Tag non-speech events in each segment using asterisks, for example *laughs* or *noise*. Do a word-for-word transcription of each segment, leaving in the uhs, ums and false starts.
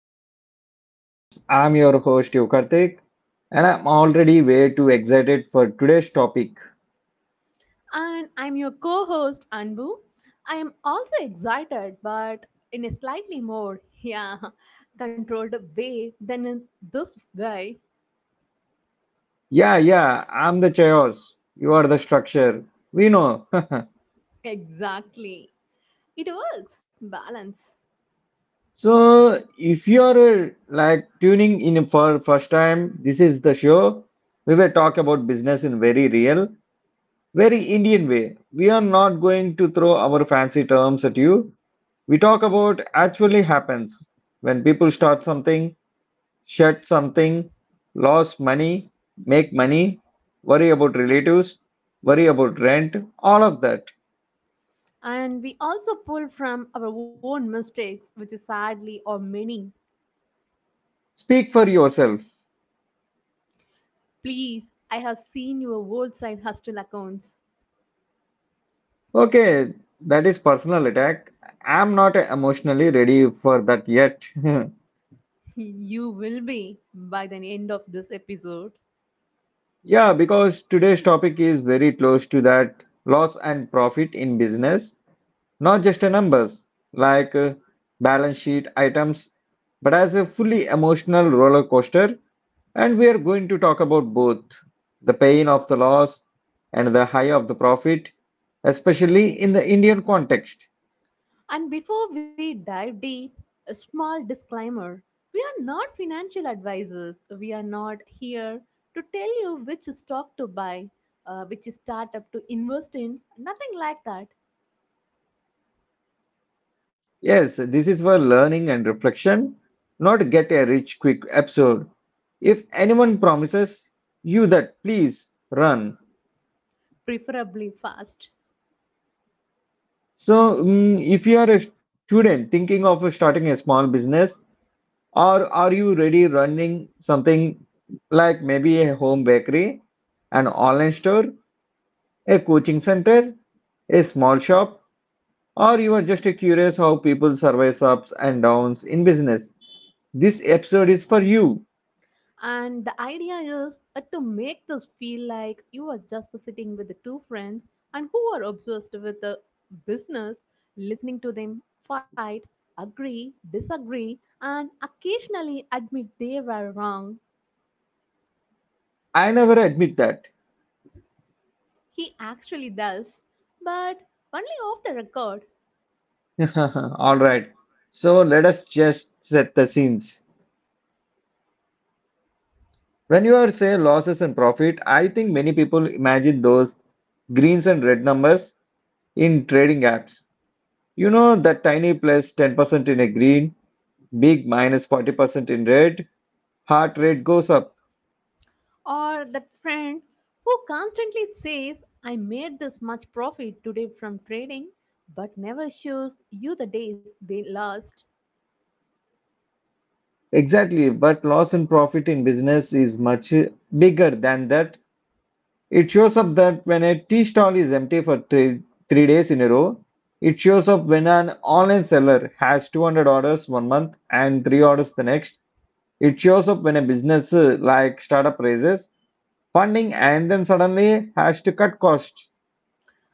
podcast business. I'm your host Yukartik and I'm already way too excited for today's topic. And I'm your co host, Anbu. I am also excited, but in a slightly more, *laughs* yeah, controlled way than in this guy. Yeah, yeah, I'm the chaos. You are the structure. We know. Exactly. It works, balance. *laughs* so if you're uh, like tuning in for first time, this is the show. We will talk about business in very real, very Indian way. We are not going to throw our fancy terms at you. We talk about actually happens when people start something Shed something, lose money, make money, worry about relatives, worry about rent, all of that. And we also pull from our own mistakes, which is sadly or many. Speak for yourself. Please, I have seen your old side hustle accounts. *laughs* Okay, that is personal attack. I'm not emotionally ready for that yet. *laughs* You will be by the end of this episode. Yeah, because today's topic is very close to that loss and profit in business, not just a numbers like uh, balance sheet items, but as a fully emotional roller coaster. And we are going to talk about both the pain of the loss and the high of the profit, especially in the Indian context. And before we dive deep, a small disclaimer, we are not financial advisors. We are not here to tell you which stock to buy, uh, which startup to invest in, nothing like that, Yes, this is where learning and reflection, not get a rich quick episode. If anyone promises you that, please run. preferably fast. So, mm, if you are a student thinking of starting a small business, or are you ready running something like maybe a home bakery, an online store, a coaching center, a small shop, or you are just curious how people survive ups and downs in business, this episode is for you. And the idea is uh, to make this feel like you are just sitting with two friends and who are obsessed with a business, listening to them fight, agree, disagree, and occasionally admit they were wrong. I never admit that. He actually does, but only off the record. *laughs* All right. So let us just set the scenes. When you are say losses and profit, I think many people imagine those greens and red numbers in trading apps. You know that tiny ten percent in a green, big forty percent in red, heart rate goes up. Or that friend who constantly says, I made this much profit today from trading, but never shows you the days they lost. Exactly, but loss and profit in business is much bigger than that. It shows up that when a tea stall is empty for three, three days in a row, it shows up when an online seller has two hundred orders one month and three orders the next. It shows up when a business uh, like startup raises funding and then suddenly has to cut costs.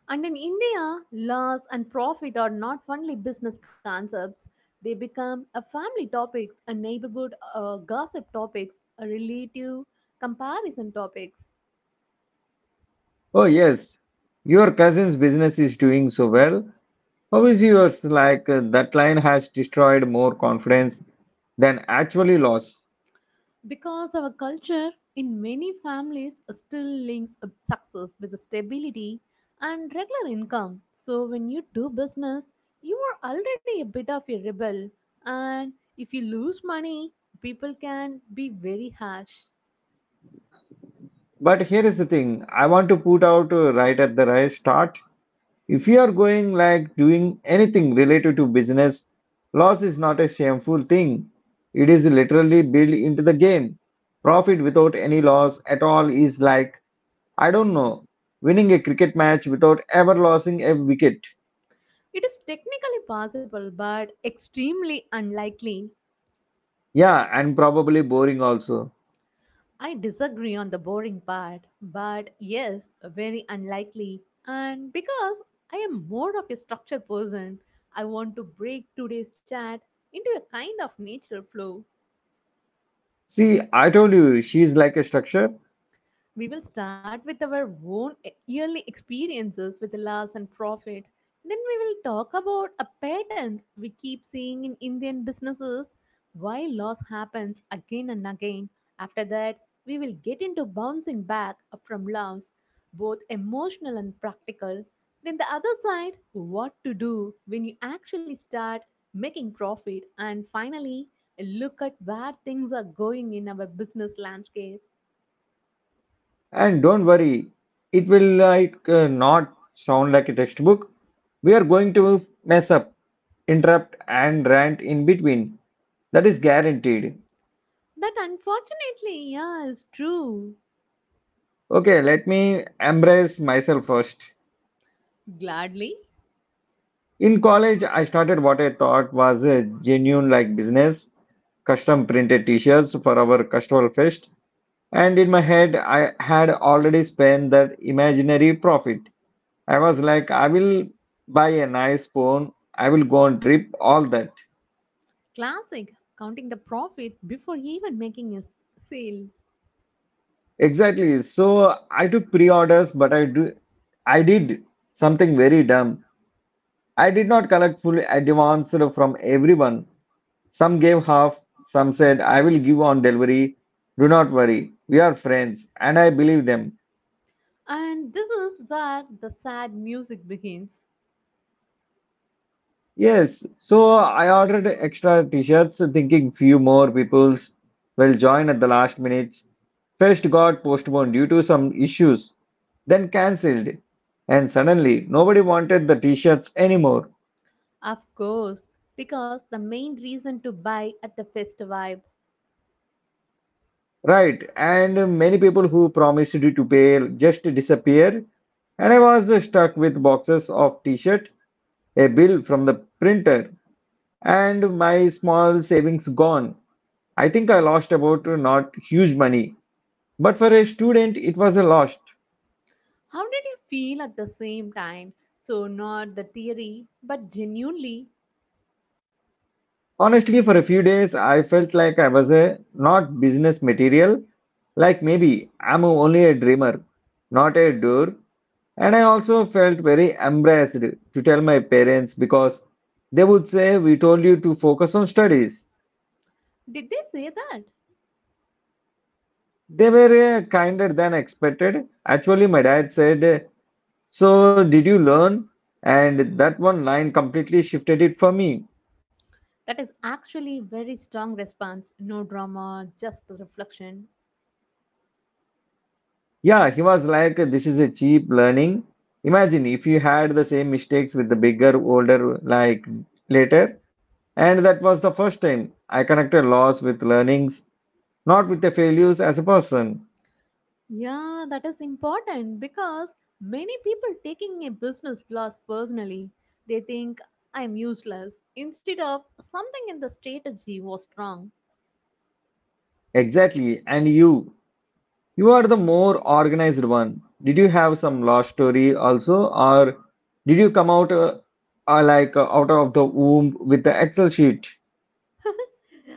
And in India, loss and profit are not only business concepts, they become a family topics, a neighborhood uh, gossip topics, a relative comparison topics. Oh, yes, your cousin's business is doing so well. How is yours? Like uh, that line has destroyed more confidence than actually lost. Because our culture in many families still links up success with stability and regular income. So when you do business, you are already a bit of a rebel, and if you lose money, people can be very harsh. But here is the thing I want to put out uh, right at the right start. If you are going like doing anything related to business, loss is not a shameful thing. It is literally built into the game. Profit without any loss at all is like, I don't know, winning a cricket match without ever losing a wicket. It is technically possible but extremely unlikely. Yeah, and probably boring also. I disagree on the boring part, but yes, very unlikely. And because I am more of a structured person, I want to break today's chat into a kind of natural flow. See, I told you, she is like a structure. We will start with our own e- yearly experiences with loss and profit. Then we will talk about a patterns we keep seeing in Indian businesses, why loss happens again and again. After that, we will get into bouncing back from loss, both emotional and practical. Then the other side, what to do when you actually start making profit. And finally, a look at where things are going in our business landscape. And don't worry, it will like uh, not sound like a textbook. We are going to mess up, interrupt, and rant in between. That is guaranteed. That unfortunately, yeah, is true. Okay, let me embrace myself first. Gladly, In college, I started what I thought was a genuine like business, custom printed t-shirts for our cultural fest. And in my head, I had already spent that imaginary profit. I was like, I will buy a nice phone, I will go on trip, all that. classic, counting the profit before even making a s- sale. Exactly. So I took pre-orders, but I do I did something very dumb. I did not collect full advance from everyone. Some gave half, some said I will give on delivery. Do not worry. We are friends and I believe them. And this is where the sad music begins. Yes, so I ordered extra t-shirts thinking few more peoples will join at the last minute. First got postponed due to some issues, then cancelled. And suddenly nobody wanted the t-shirts anymore. Of course, because the main reason to buy at the fest vibe. Right, and many people who promised to pay just disappeared, and I was stuck with boxes of t-shirt, a bill from the printer, and my small savings gone. I think I lost about uh, not huge money, but for a student it was a loss. How did you feel at the same time? So, not the theory, but genuinely, Honestly, for a few days I felt like I was a not business material, like maybe I'm only a dreamer, not a doer. And I also felt very embarrassed to tell my parents because they would say, we told you to focus on studies. did they say that? They were uh, kinder than expected. Actually, my dad said, so, did you learn? And that one line completely shifted it for me. That is actually very strong response. No drama, just the reflection. Yeah, he was like, this is a cheap learning. Imagine if you had the same mistakes with the bigger, older, like later. And that was the first time I connected loss with learnings, not with the failures as a person. Yeah, that is important because many people taking a business class personally, they think I am useless instead of something in the strategy was wrong. Exactly. And you, you are the more organized one. Did you have some love story also, or did you come out uh, uh, like uh, out of the womb with the Excel sheet?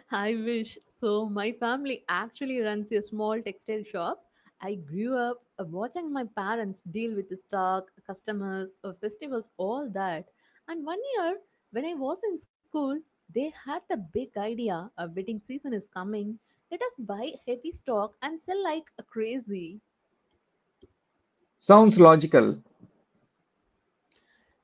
I wish. So, my family actually runs a small textile shop. I grew up uh, watching my parents deal with the stock, customers, uh, festivals, all that. And one year, when I was in school, they had the big idea a wedding season is coming. Let us buy heavy stock and sell like crazy. Sounds logical.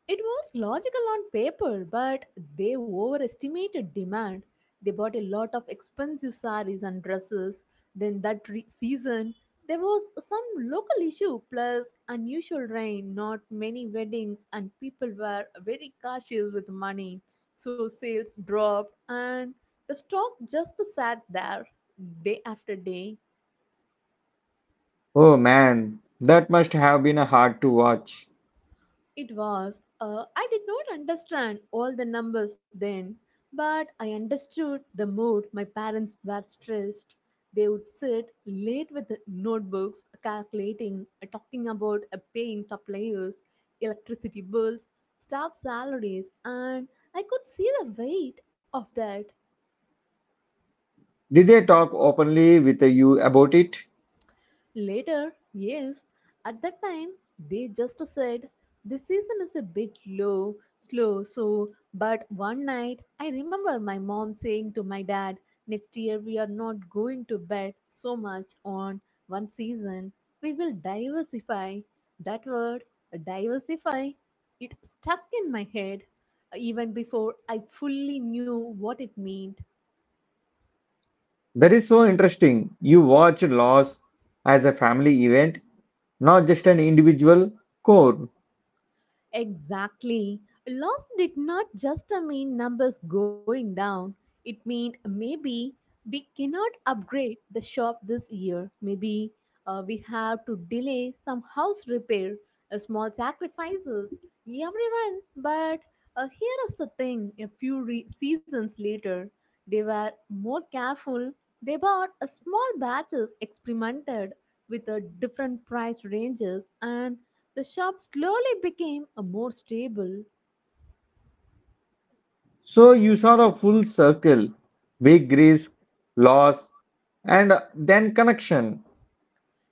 It was logical on paper, but they overestimated demand. They bought a lot of expensive saris and dresses. Then, that re- season, there was some local issue plus unusual rain, not many weddings, and people were very cautious with money. So, sales dropped, and the stock just sat there day after day. Oh man, that must have been uh, hard to watch. It was. Uh, I did not understand all the numbers then, but I understood the mood my parents were stressed. They would sit late with the notebooks, calculating, uh, talking about uh, paying suppliers, electricity bills, staff salaries, and I could see the weight of that. Did they talk openly with uh, you about it? Later, yes, at that time they just said the season is a bit low, slow, so but one night I remember my mom saying to my dad, next year we are not going to bet so much on one season. We will diversify. That word diversify, it stuck in my head uh, even before I fully knew what it meant. That is so interesting. You watch loss as a family event, not just an individual core. Exactly. Loss did not just uh, mean numbers going down, it meant maybe we cannot upgrade the shop this year. Maybe uh, we have to delay some house repair, uh, small sacrifices. Everyone, but uh, here is the thing a few re- seasons later, they were more careful. They bought a small batches, experimented with a different price ranges, and the shop slowly became a more stable. So you saw the full circle, big risk, loss, and then connection.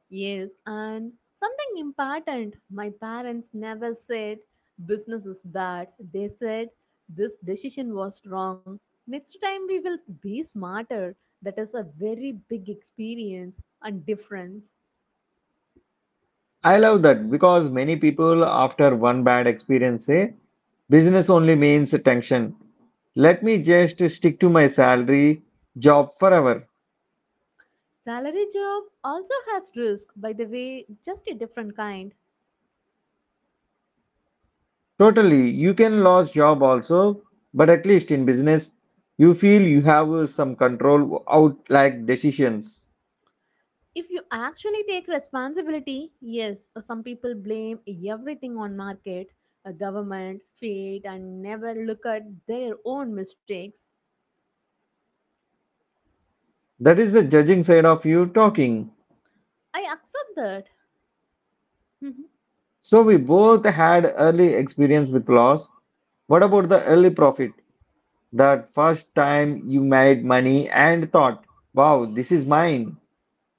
Yes, and something important. My parents never said business is bad. They said this decision was wrong. Next time we will be smarter. That is a very big experience and difference. I love that because many people after one bad experience say business only means tension. Let me just stick to my salary job forever. Salary job also has risk, by the way, just a different kind. Totally, you can lose job also, but at least in business, you feel you have some control out like decisions. If you actually take responsibility, yes, uh, some people blame everything on market, uh, government, fate, and never look at their own mistakes. That is the judging side of you talking. I accept that. *laughs* So we both had early experience with loss. What about the early profit? That first time you made money and thought, wow, this is mine.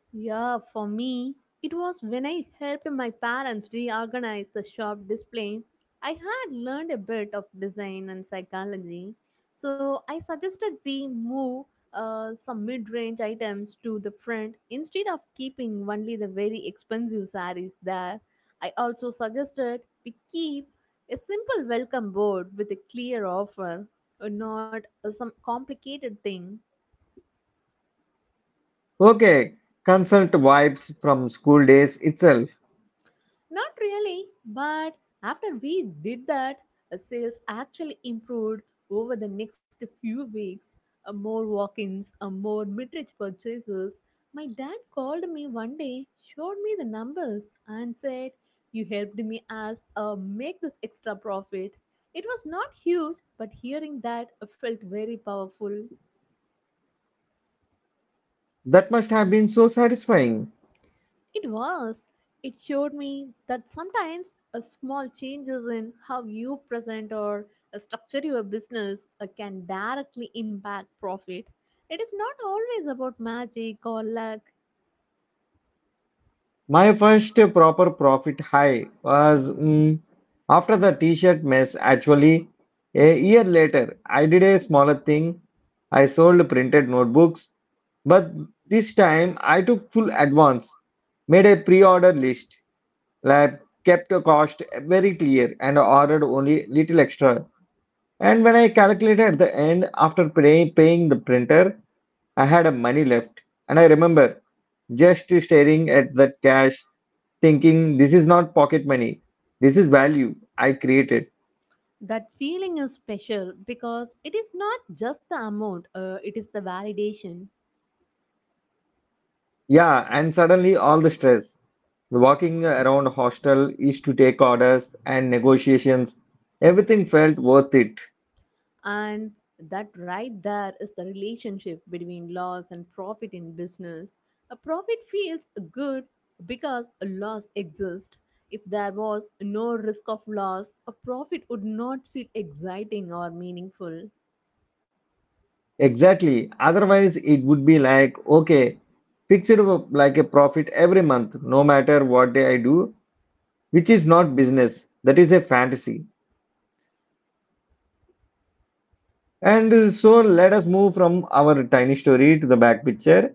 Yeah, for me, it was when I helped my parents reorganize the shop display. I had learned a bit of design and psychology, so I suggested we move uh, some mid range items to the front instead of keeping only the very expensive saris there. I also suggested we keep a simple welcome board with a clear offer, uh, not uh, some complicated thing. Okay, consult vibes from school days itself. Not really, but after we did that, uh, sales actually improved over the next few weeks. Uh, more walk ins, uh, more mid range purchases. My dad called me one day, showed me the numbers, and said, You helped me as uh, make this extra profit. It was not huge, but hearing that uh, felt very powerful. That must have been so satisfying. It was. It showed me that sometimes a small changes in how you present or uh, structure your business uh, can directly impact profit. It is not always about magic or luck. My first proper profit high was mm, after the t-shirt mess. Actually, a year later, I did a smaller thing. I sold printed notebooks, but this time I took full advance, made a pre-order list, like kept the cost very clear and ordered only little extra. And when I calculated at the end after pay, paying the printer, I had a money left. And I remember just staring at that cash thinking this is not pocket money, this is value I created. That feeling is special because it is not just the amount, uh, it is the validation. Yeah, and suddenly all the stress. Walking around hostel is to take orders and negotiations. Everything felt worth it. And that right there is the relationship between loss and profit in business. A profit feels good because a loss exists. If there was no risk of loss, a profit would not feel exciting or meaningful. Exactly. Otherwise, it would be like, okay, fix it up like a profit every month, no matter what day I do, which is not business. That is a fantasy. And uh, so let us move from our tiny story to the back picture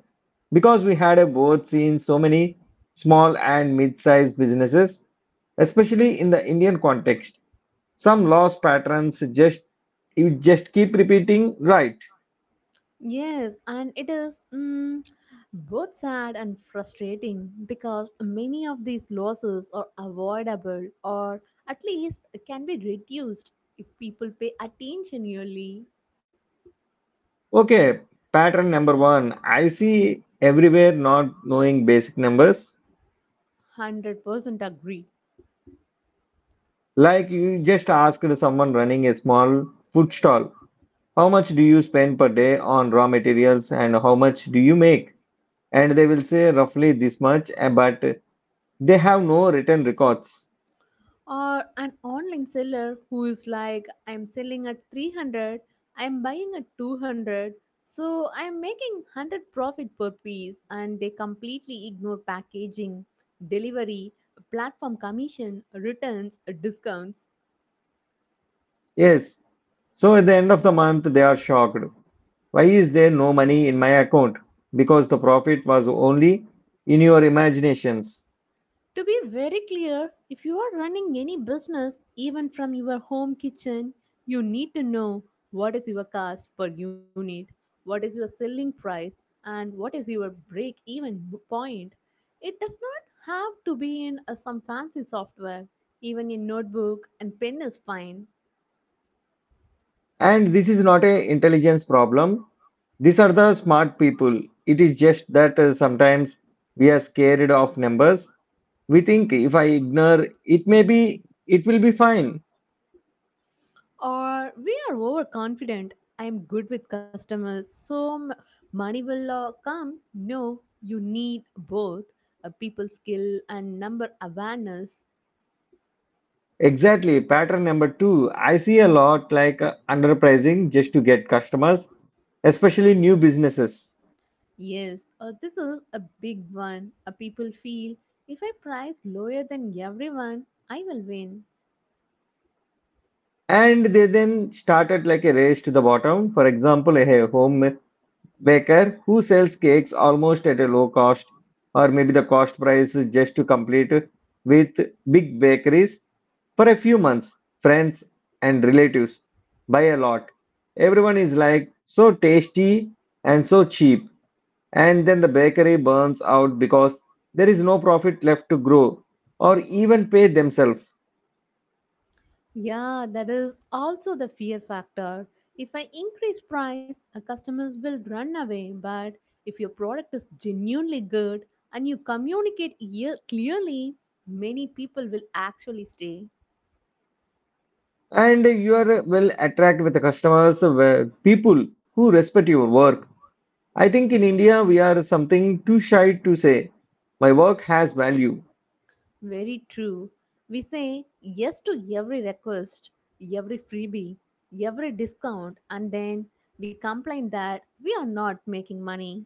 because we had uh, both seen so many small and mid sized businesses, especially in the Indian context. Some loss patterns just you just keep repeating, right? Yes, and it is mm, both sad and frustrating because many of these losses are avoidable or at least can be reduced if people pay attention early. Okay, pattern number one I see everywhere not knowing basic numbers. one hundred percent agree. Like you just asked someone running a small food stall, how much do you spend per day on raw materials and how much do you make? And they will say roughly this much, uh, but they have no written records. Or an online seller who is like, I'm selling at three hundred, I'm buying at two hundred, so I'm making one hundred profit per piece, and they completely ignore packaging, delivery, platform commission, returns, discounts. Yes. So at the end of the month, they are shocked. Why is there no money in my account? Because the profit was only in your imaginations. To be very clear, if you are running any business, even from your home kitchen, you need to know what is your cost per unit, what is your selling price, and what is your break even point. It does not have to be in a, some fancy software, even a notebook and pen is fine. And this is not a intelligence problem. These are the smart people. It is just that uh, sometimes we are scared of numbers. We think if I ignore it, maybe it will be fine. Or we are overconfident, I'm good with customers so m- money will uh, come. No, you need both a people skill and number awareness. Exactly. Pattern number two, I see a lot like uh, underpricing just to get customers, especially new businesses. Yes, uh, this is a big one a people feel if I price lower than everyone I will win. And they then started like a race to the bottom. For example, a home baker who sells cakes almost at a low cost or maybe the cost price is just to complete with big bakeries for a few months. Friends and relatives buy a lot. Everyone is like so tasty and so cheap. And then the bakery burns out because there is no profit left to grow or even pay themselves. Yeah, that is also the fear factor. If I increase price, our customers will run away. But if your product is genuinely good and you communicate ear- clearly, many people will actually stay. And you are will attract with the customers, uh, people who respect your work. I think in India we are something too shy to say, my work has value. Very true. We say yes to every request, every freebie, every discount, and then we complain that we are not making money.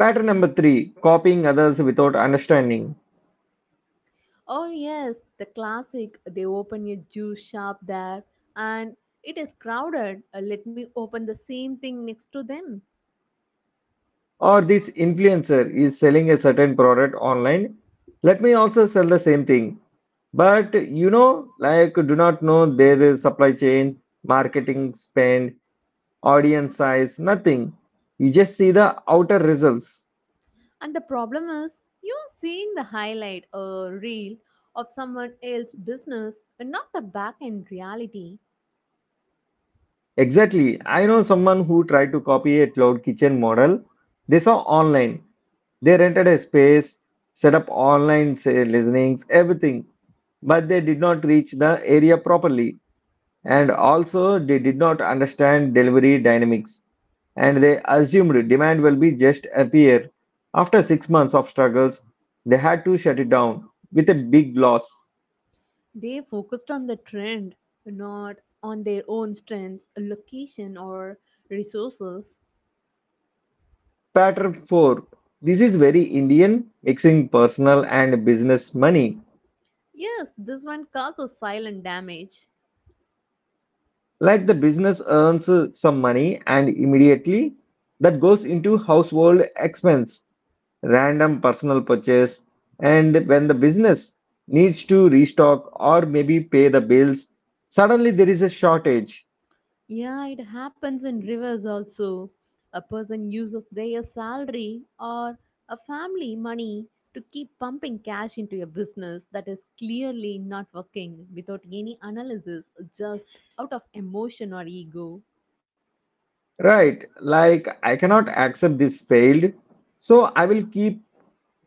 Pattern number three, copying others without understanding. Oh yes, the classic. They open a juice shop there and it is crowded. Uh, let me open the same thing next to them. Or this influencer is selling a certain product online. Let me also sell the same thing. But you know, like, do not know their supply chain, marketing spend, audience size, nothing. You just see the outer results. And the problem is you are seeing the highlight or reel of someone else's business and not the back end reality. Exactly. I know someone who tried to copy a cloud kitchen model. They saw online. They rented a space, set up online say, listenings, everything, but they did not reach the area properly. And also, they did not understand delivery dynamics and they assumed demand will be just appear. After six months of struggles, they had to shut it down with a big loss. They focused on the trend, not on their own strengths, location or resources. Pattern four. This is very Indian, mixing personal and business money. Yes, this one causes silent damage. Like the business earns uh, some money and immediately that goes into household expense random personal purchase, and when the business needs to restock or maybe pay the bills, suddenly there is a shortage. Yeah, it happens in rivers also. A person uses their salary or a family money to keep pumping cash into a business that is clearly not working without any analysis, just out of emotion or ego. Right, like I cannot accept this failed, so I will keep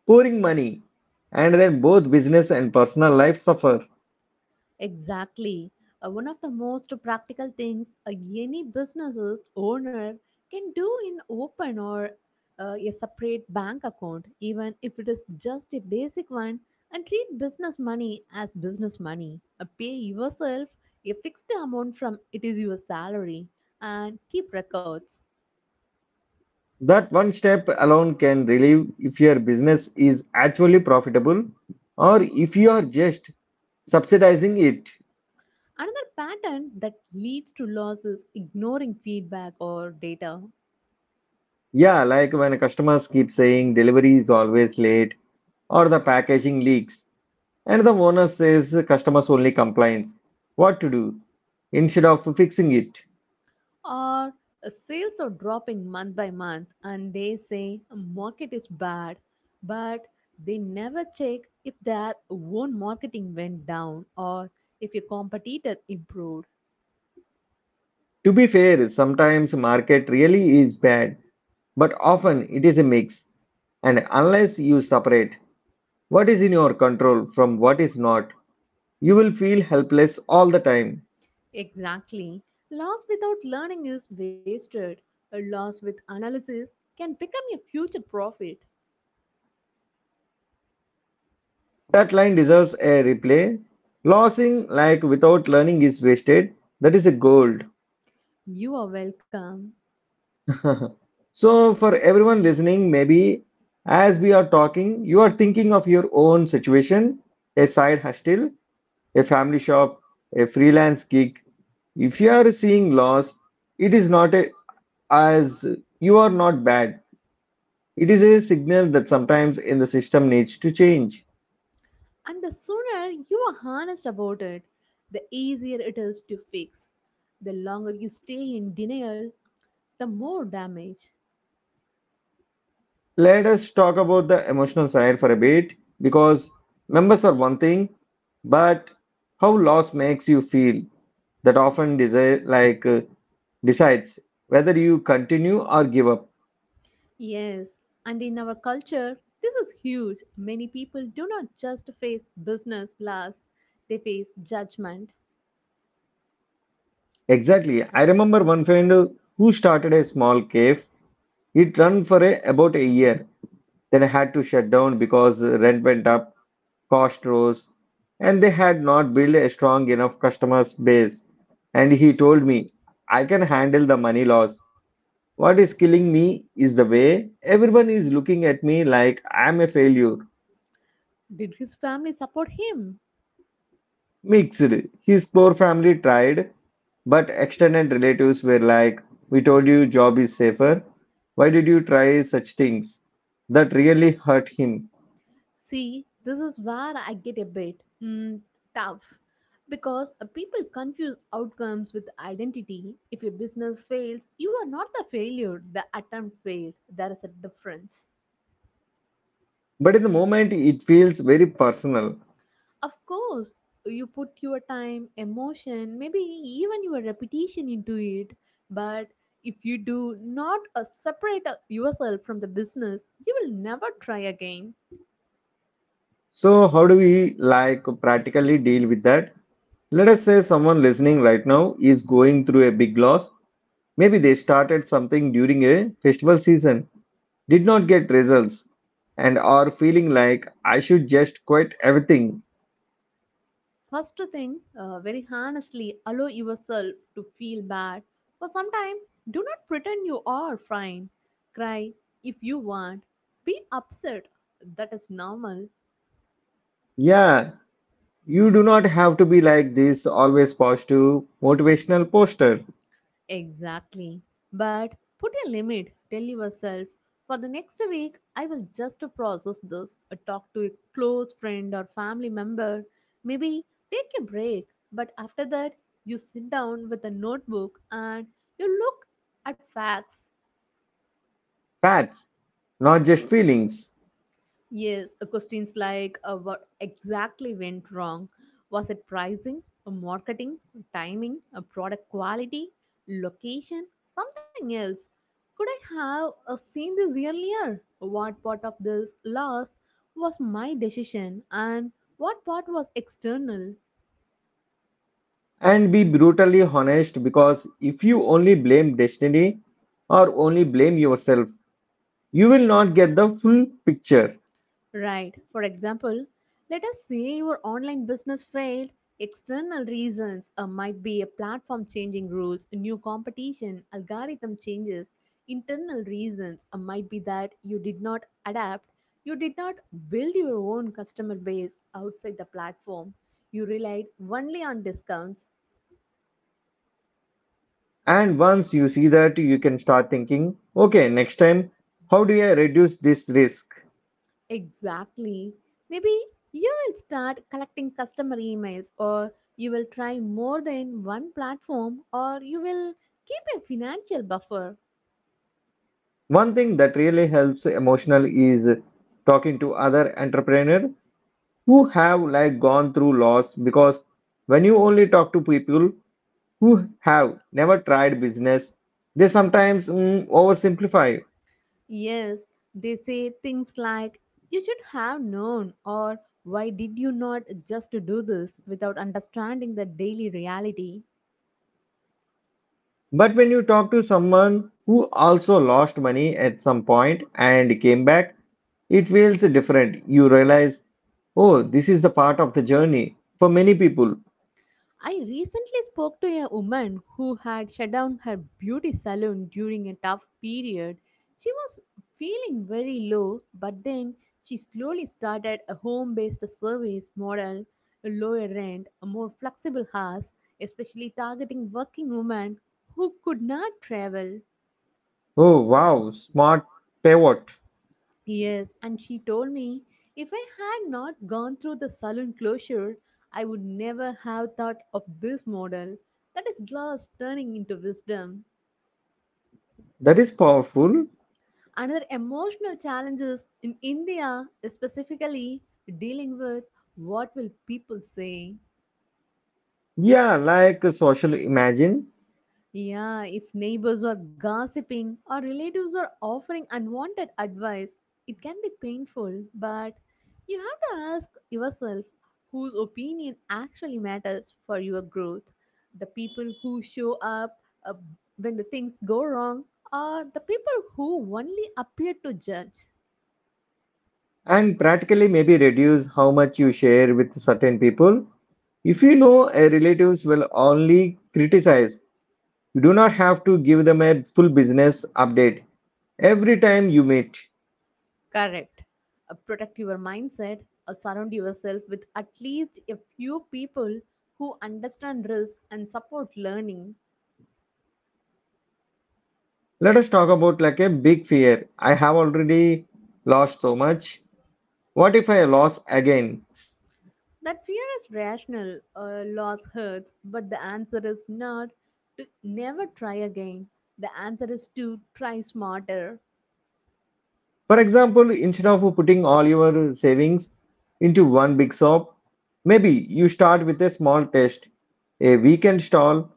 pouring money, and then both business and personal life suffer. Exactly. Uh, one of the most practical things uh, any business's owner can do in open or uh, a separate bank account, even if it is just a basic one, and treat business money as business money. Uh, pay yourself a fixed amount from it is your salary and keep records. That one step alone can relieve if your business is actually profitable or if you are just subsidizing it. Another pattern that leads to loss is ignoring feedback or data. Yeah, like when customers keep saying delivery is always late, or the packaging leaks, and the owner says customers only complains, what to do instead of fixing it. Or uh, sales are dropping month by month and they say market is bad, but they never check if their own marketing went down or if your competitor improved. To be fair, sometimes market really is bad, but often it is a mix, and unless you separate what is in your control from what is not, you will feel helpless all the time. Exactly. Loss without learning is wasted. A loss with analysis can become your future profit. That line deserves a replay. Losing like without learning is wasted. That is a gold. You are welcome. *laughs* So, for everyone listening, maybe as we are talking, you are thinking of your own situation: a side hustle, a family shop, a freelance gig. If you are seeing loss, it is not a, as, you are not bad. It is a signal that sometimes in the system needs to change. And the sooner you are honest about it, the easier it is to fix. The longer you stay in denial, the more damage. Let us talk about the emotional side for a bit, because members are one thing, but how loss makes you feel, that often desire like uh, decides whether you continue or give up. Yes, and in our culture, this is huge. Many people do not just face business loss, they face judgment. Exactly. I remember one friend who started a small cave. It ran for a, about a year, then had to shut down because rent went up, cost rose, and they had not built a strong enough customer base. And he told me, I can handle the money loss. What is killing me is the way everyone is looking at me like I'm a failure. Did his family support him? Mixed. His poor family tried, but extended relatives were like, we told you job is safer. Why did you try such things? That really hurt him. See, this is where I get a bit mm, tough because uh, people confuse outcomes with identity. If your business fails, you are not the failure, the attempt failed. There is a difference. But in the moment, it feels very personal. Of course, you put your time, emotion, maybe even your repetition into it, but if you do not uh, separate uh, yourself from the business, you will never try again. So, how do we like practically deal with that? Let us say someone listening right now is going through a big loss. Maybe they started something during a festival season, did not get results, and are feeling like I should just quit everything. First thing, uh, very honestly, allow yourself to feel bad for some time. Do not pretend you are fine. Cry if you want. Be upset. That is normal. Yeah, you do not have to be like this always positive motivational poster. Exactly. But put a limit. Tell yourself, for the next week, I will just process this. Uh, Talk to a close friend or family member. Maybe take a break. But after that, you sit down with a notebook and you look at facts. Facts, not just feelings. Yes, uh, questions like uh, what exactly went wrong? Was it pricing, uh, marketing, timing, uh, product quality, location, something else? Could I have uh, seen this earlier? What part of this loss was my decision and what part was external? And be brutally honest, because if you only blame destiny or only blame yourself, you will not get the full picture. Right. For example, let us say your online business failed. External reasons uh, might be a platform changing rules, new competition, algorithm changes. Internal reasons uh, might be that you did not adapt, you did not build your own customer base outside the platform, you relied only on discounts. And once you see that, you can start thinking, okay, next time, how do I reduce this risk? Exactly. Maybe you will start collecting customer emails, or you will try more than one platform, or you will keep a financial buffer. One thing that really helps emotional is talking to other entrepreneur who have like gone through loss, because when you only talk to people who have never tried business, they sometimes mm, oversimplify. Yes, they say things like, you should have known, or why did you not just do this without understanding the daily reality? But when you talk to someone who also lost money at some point and came back, it feels different. You realize, oh, this is the part of the journey for many people. I recently spoke to a woman who had shut down her beauty salon during a tough period. She was feeling very low, but then she slowly started a home based service model, a lower rent, a more flexible hours, especially targeting working women who could not travel. Oh wow, smart pivot. Yes, and she told me if I had not gone through the salon closure, I would never have thought of this model. That is glass turning into wisdom. That is powerful. Another emotional challenge is in India, specifically dealing with what will people say. Yeah, like social imagine. Yeah, if neighbors are gossiping or relatives are offering unwanted advice, it can be painful, but you have to ask yourself whose opinion actually matters for your growth. The people who show up uh, when the things go wrong, or the people who only appear to judge. And practically maybe reduce how much you share with certain people. If you know a relatives will only criticize, you do not have to give them a full business update every time you meet. Correct. Uh, protect your mindset. Uh, surround yourself with at least a few people who understand risk and support learning. Let us talk about like a big fear. I have already lost so much. What if I lose again? That fear is rational. Uh, loss hurts, but the answer is not to never try again. The answer is to try smarter. For example, instead of putting all your savings into one big shop, maybe you start with a small test, a weekend stall,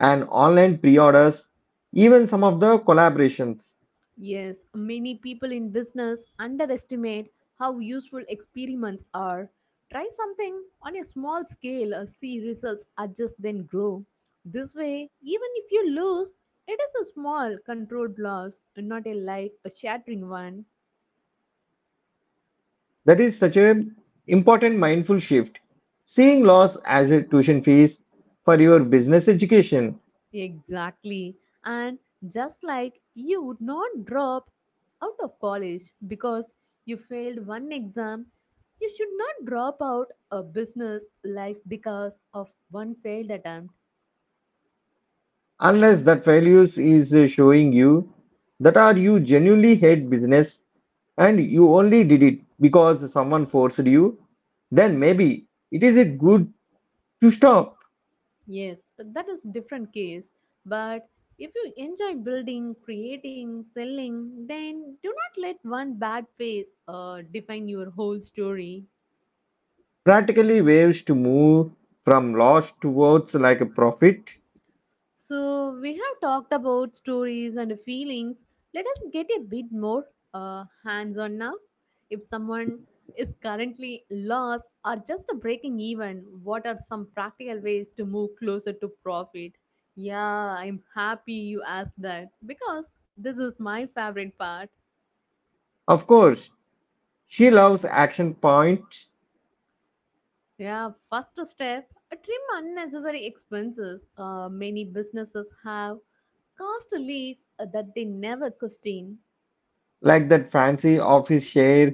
and online pre-orders, even some of the collaborations. Yes, many people in business underestimate how useful experiments are. Try something on a small scale, uh, see results, adjust, then grow. This way, even if you lose, it is a small controlled loss, not a life shattering one. That is such a important mindful shift. Seeing loss as a tuition fees for your business education, Exactly. And just like you would not drop out of college because you failed one exam, you should not drop out a business life because of one failed attempt. unless that values is uh, showing you that are you genuinely hate business and you only did it because someone forced you, then maybe it is it good to stop. Yes, that is different case. But if you enjoy building, creating, selling, then do not let one bad phase uh, define your whole story. Practically waves to move from loss towards like a profit. So, we have talked about stories and feelings. Let us get a bit more uh, hands on now. If someone is currently lost or just breaking even, what are some practical ways to move closer to profit? Yeah, I'm happy you asked that because this is my favorite part. Of course, she loves action points Yeah, first step trim unnecessary expenses. Uh, many businesses have cost leaks that they never question. like that fancy office share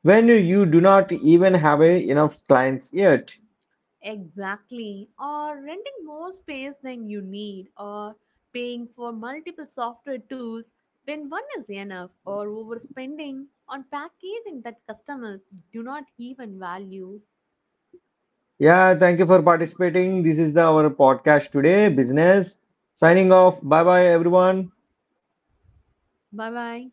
when you do not even have a, enough clients yet. Exactly. Or renting more space than you need, or paying for multiple software tools when one is enough, or overspending on packaging that customers do not even value. Yeah, thank you for participating. This is the, our podcast today, business. Signing off. Bye bye, everyone. Bye bye.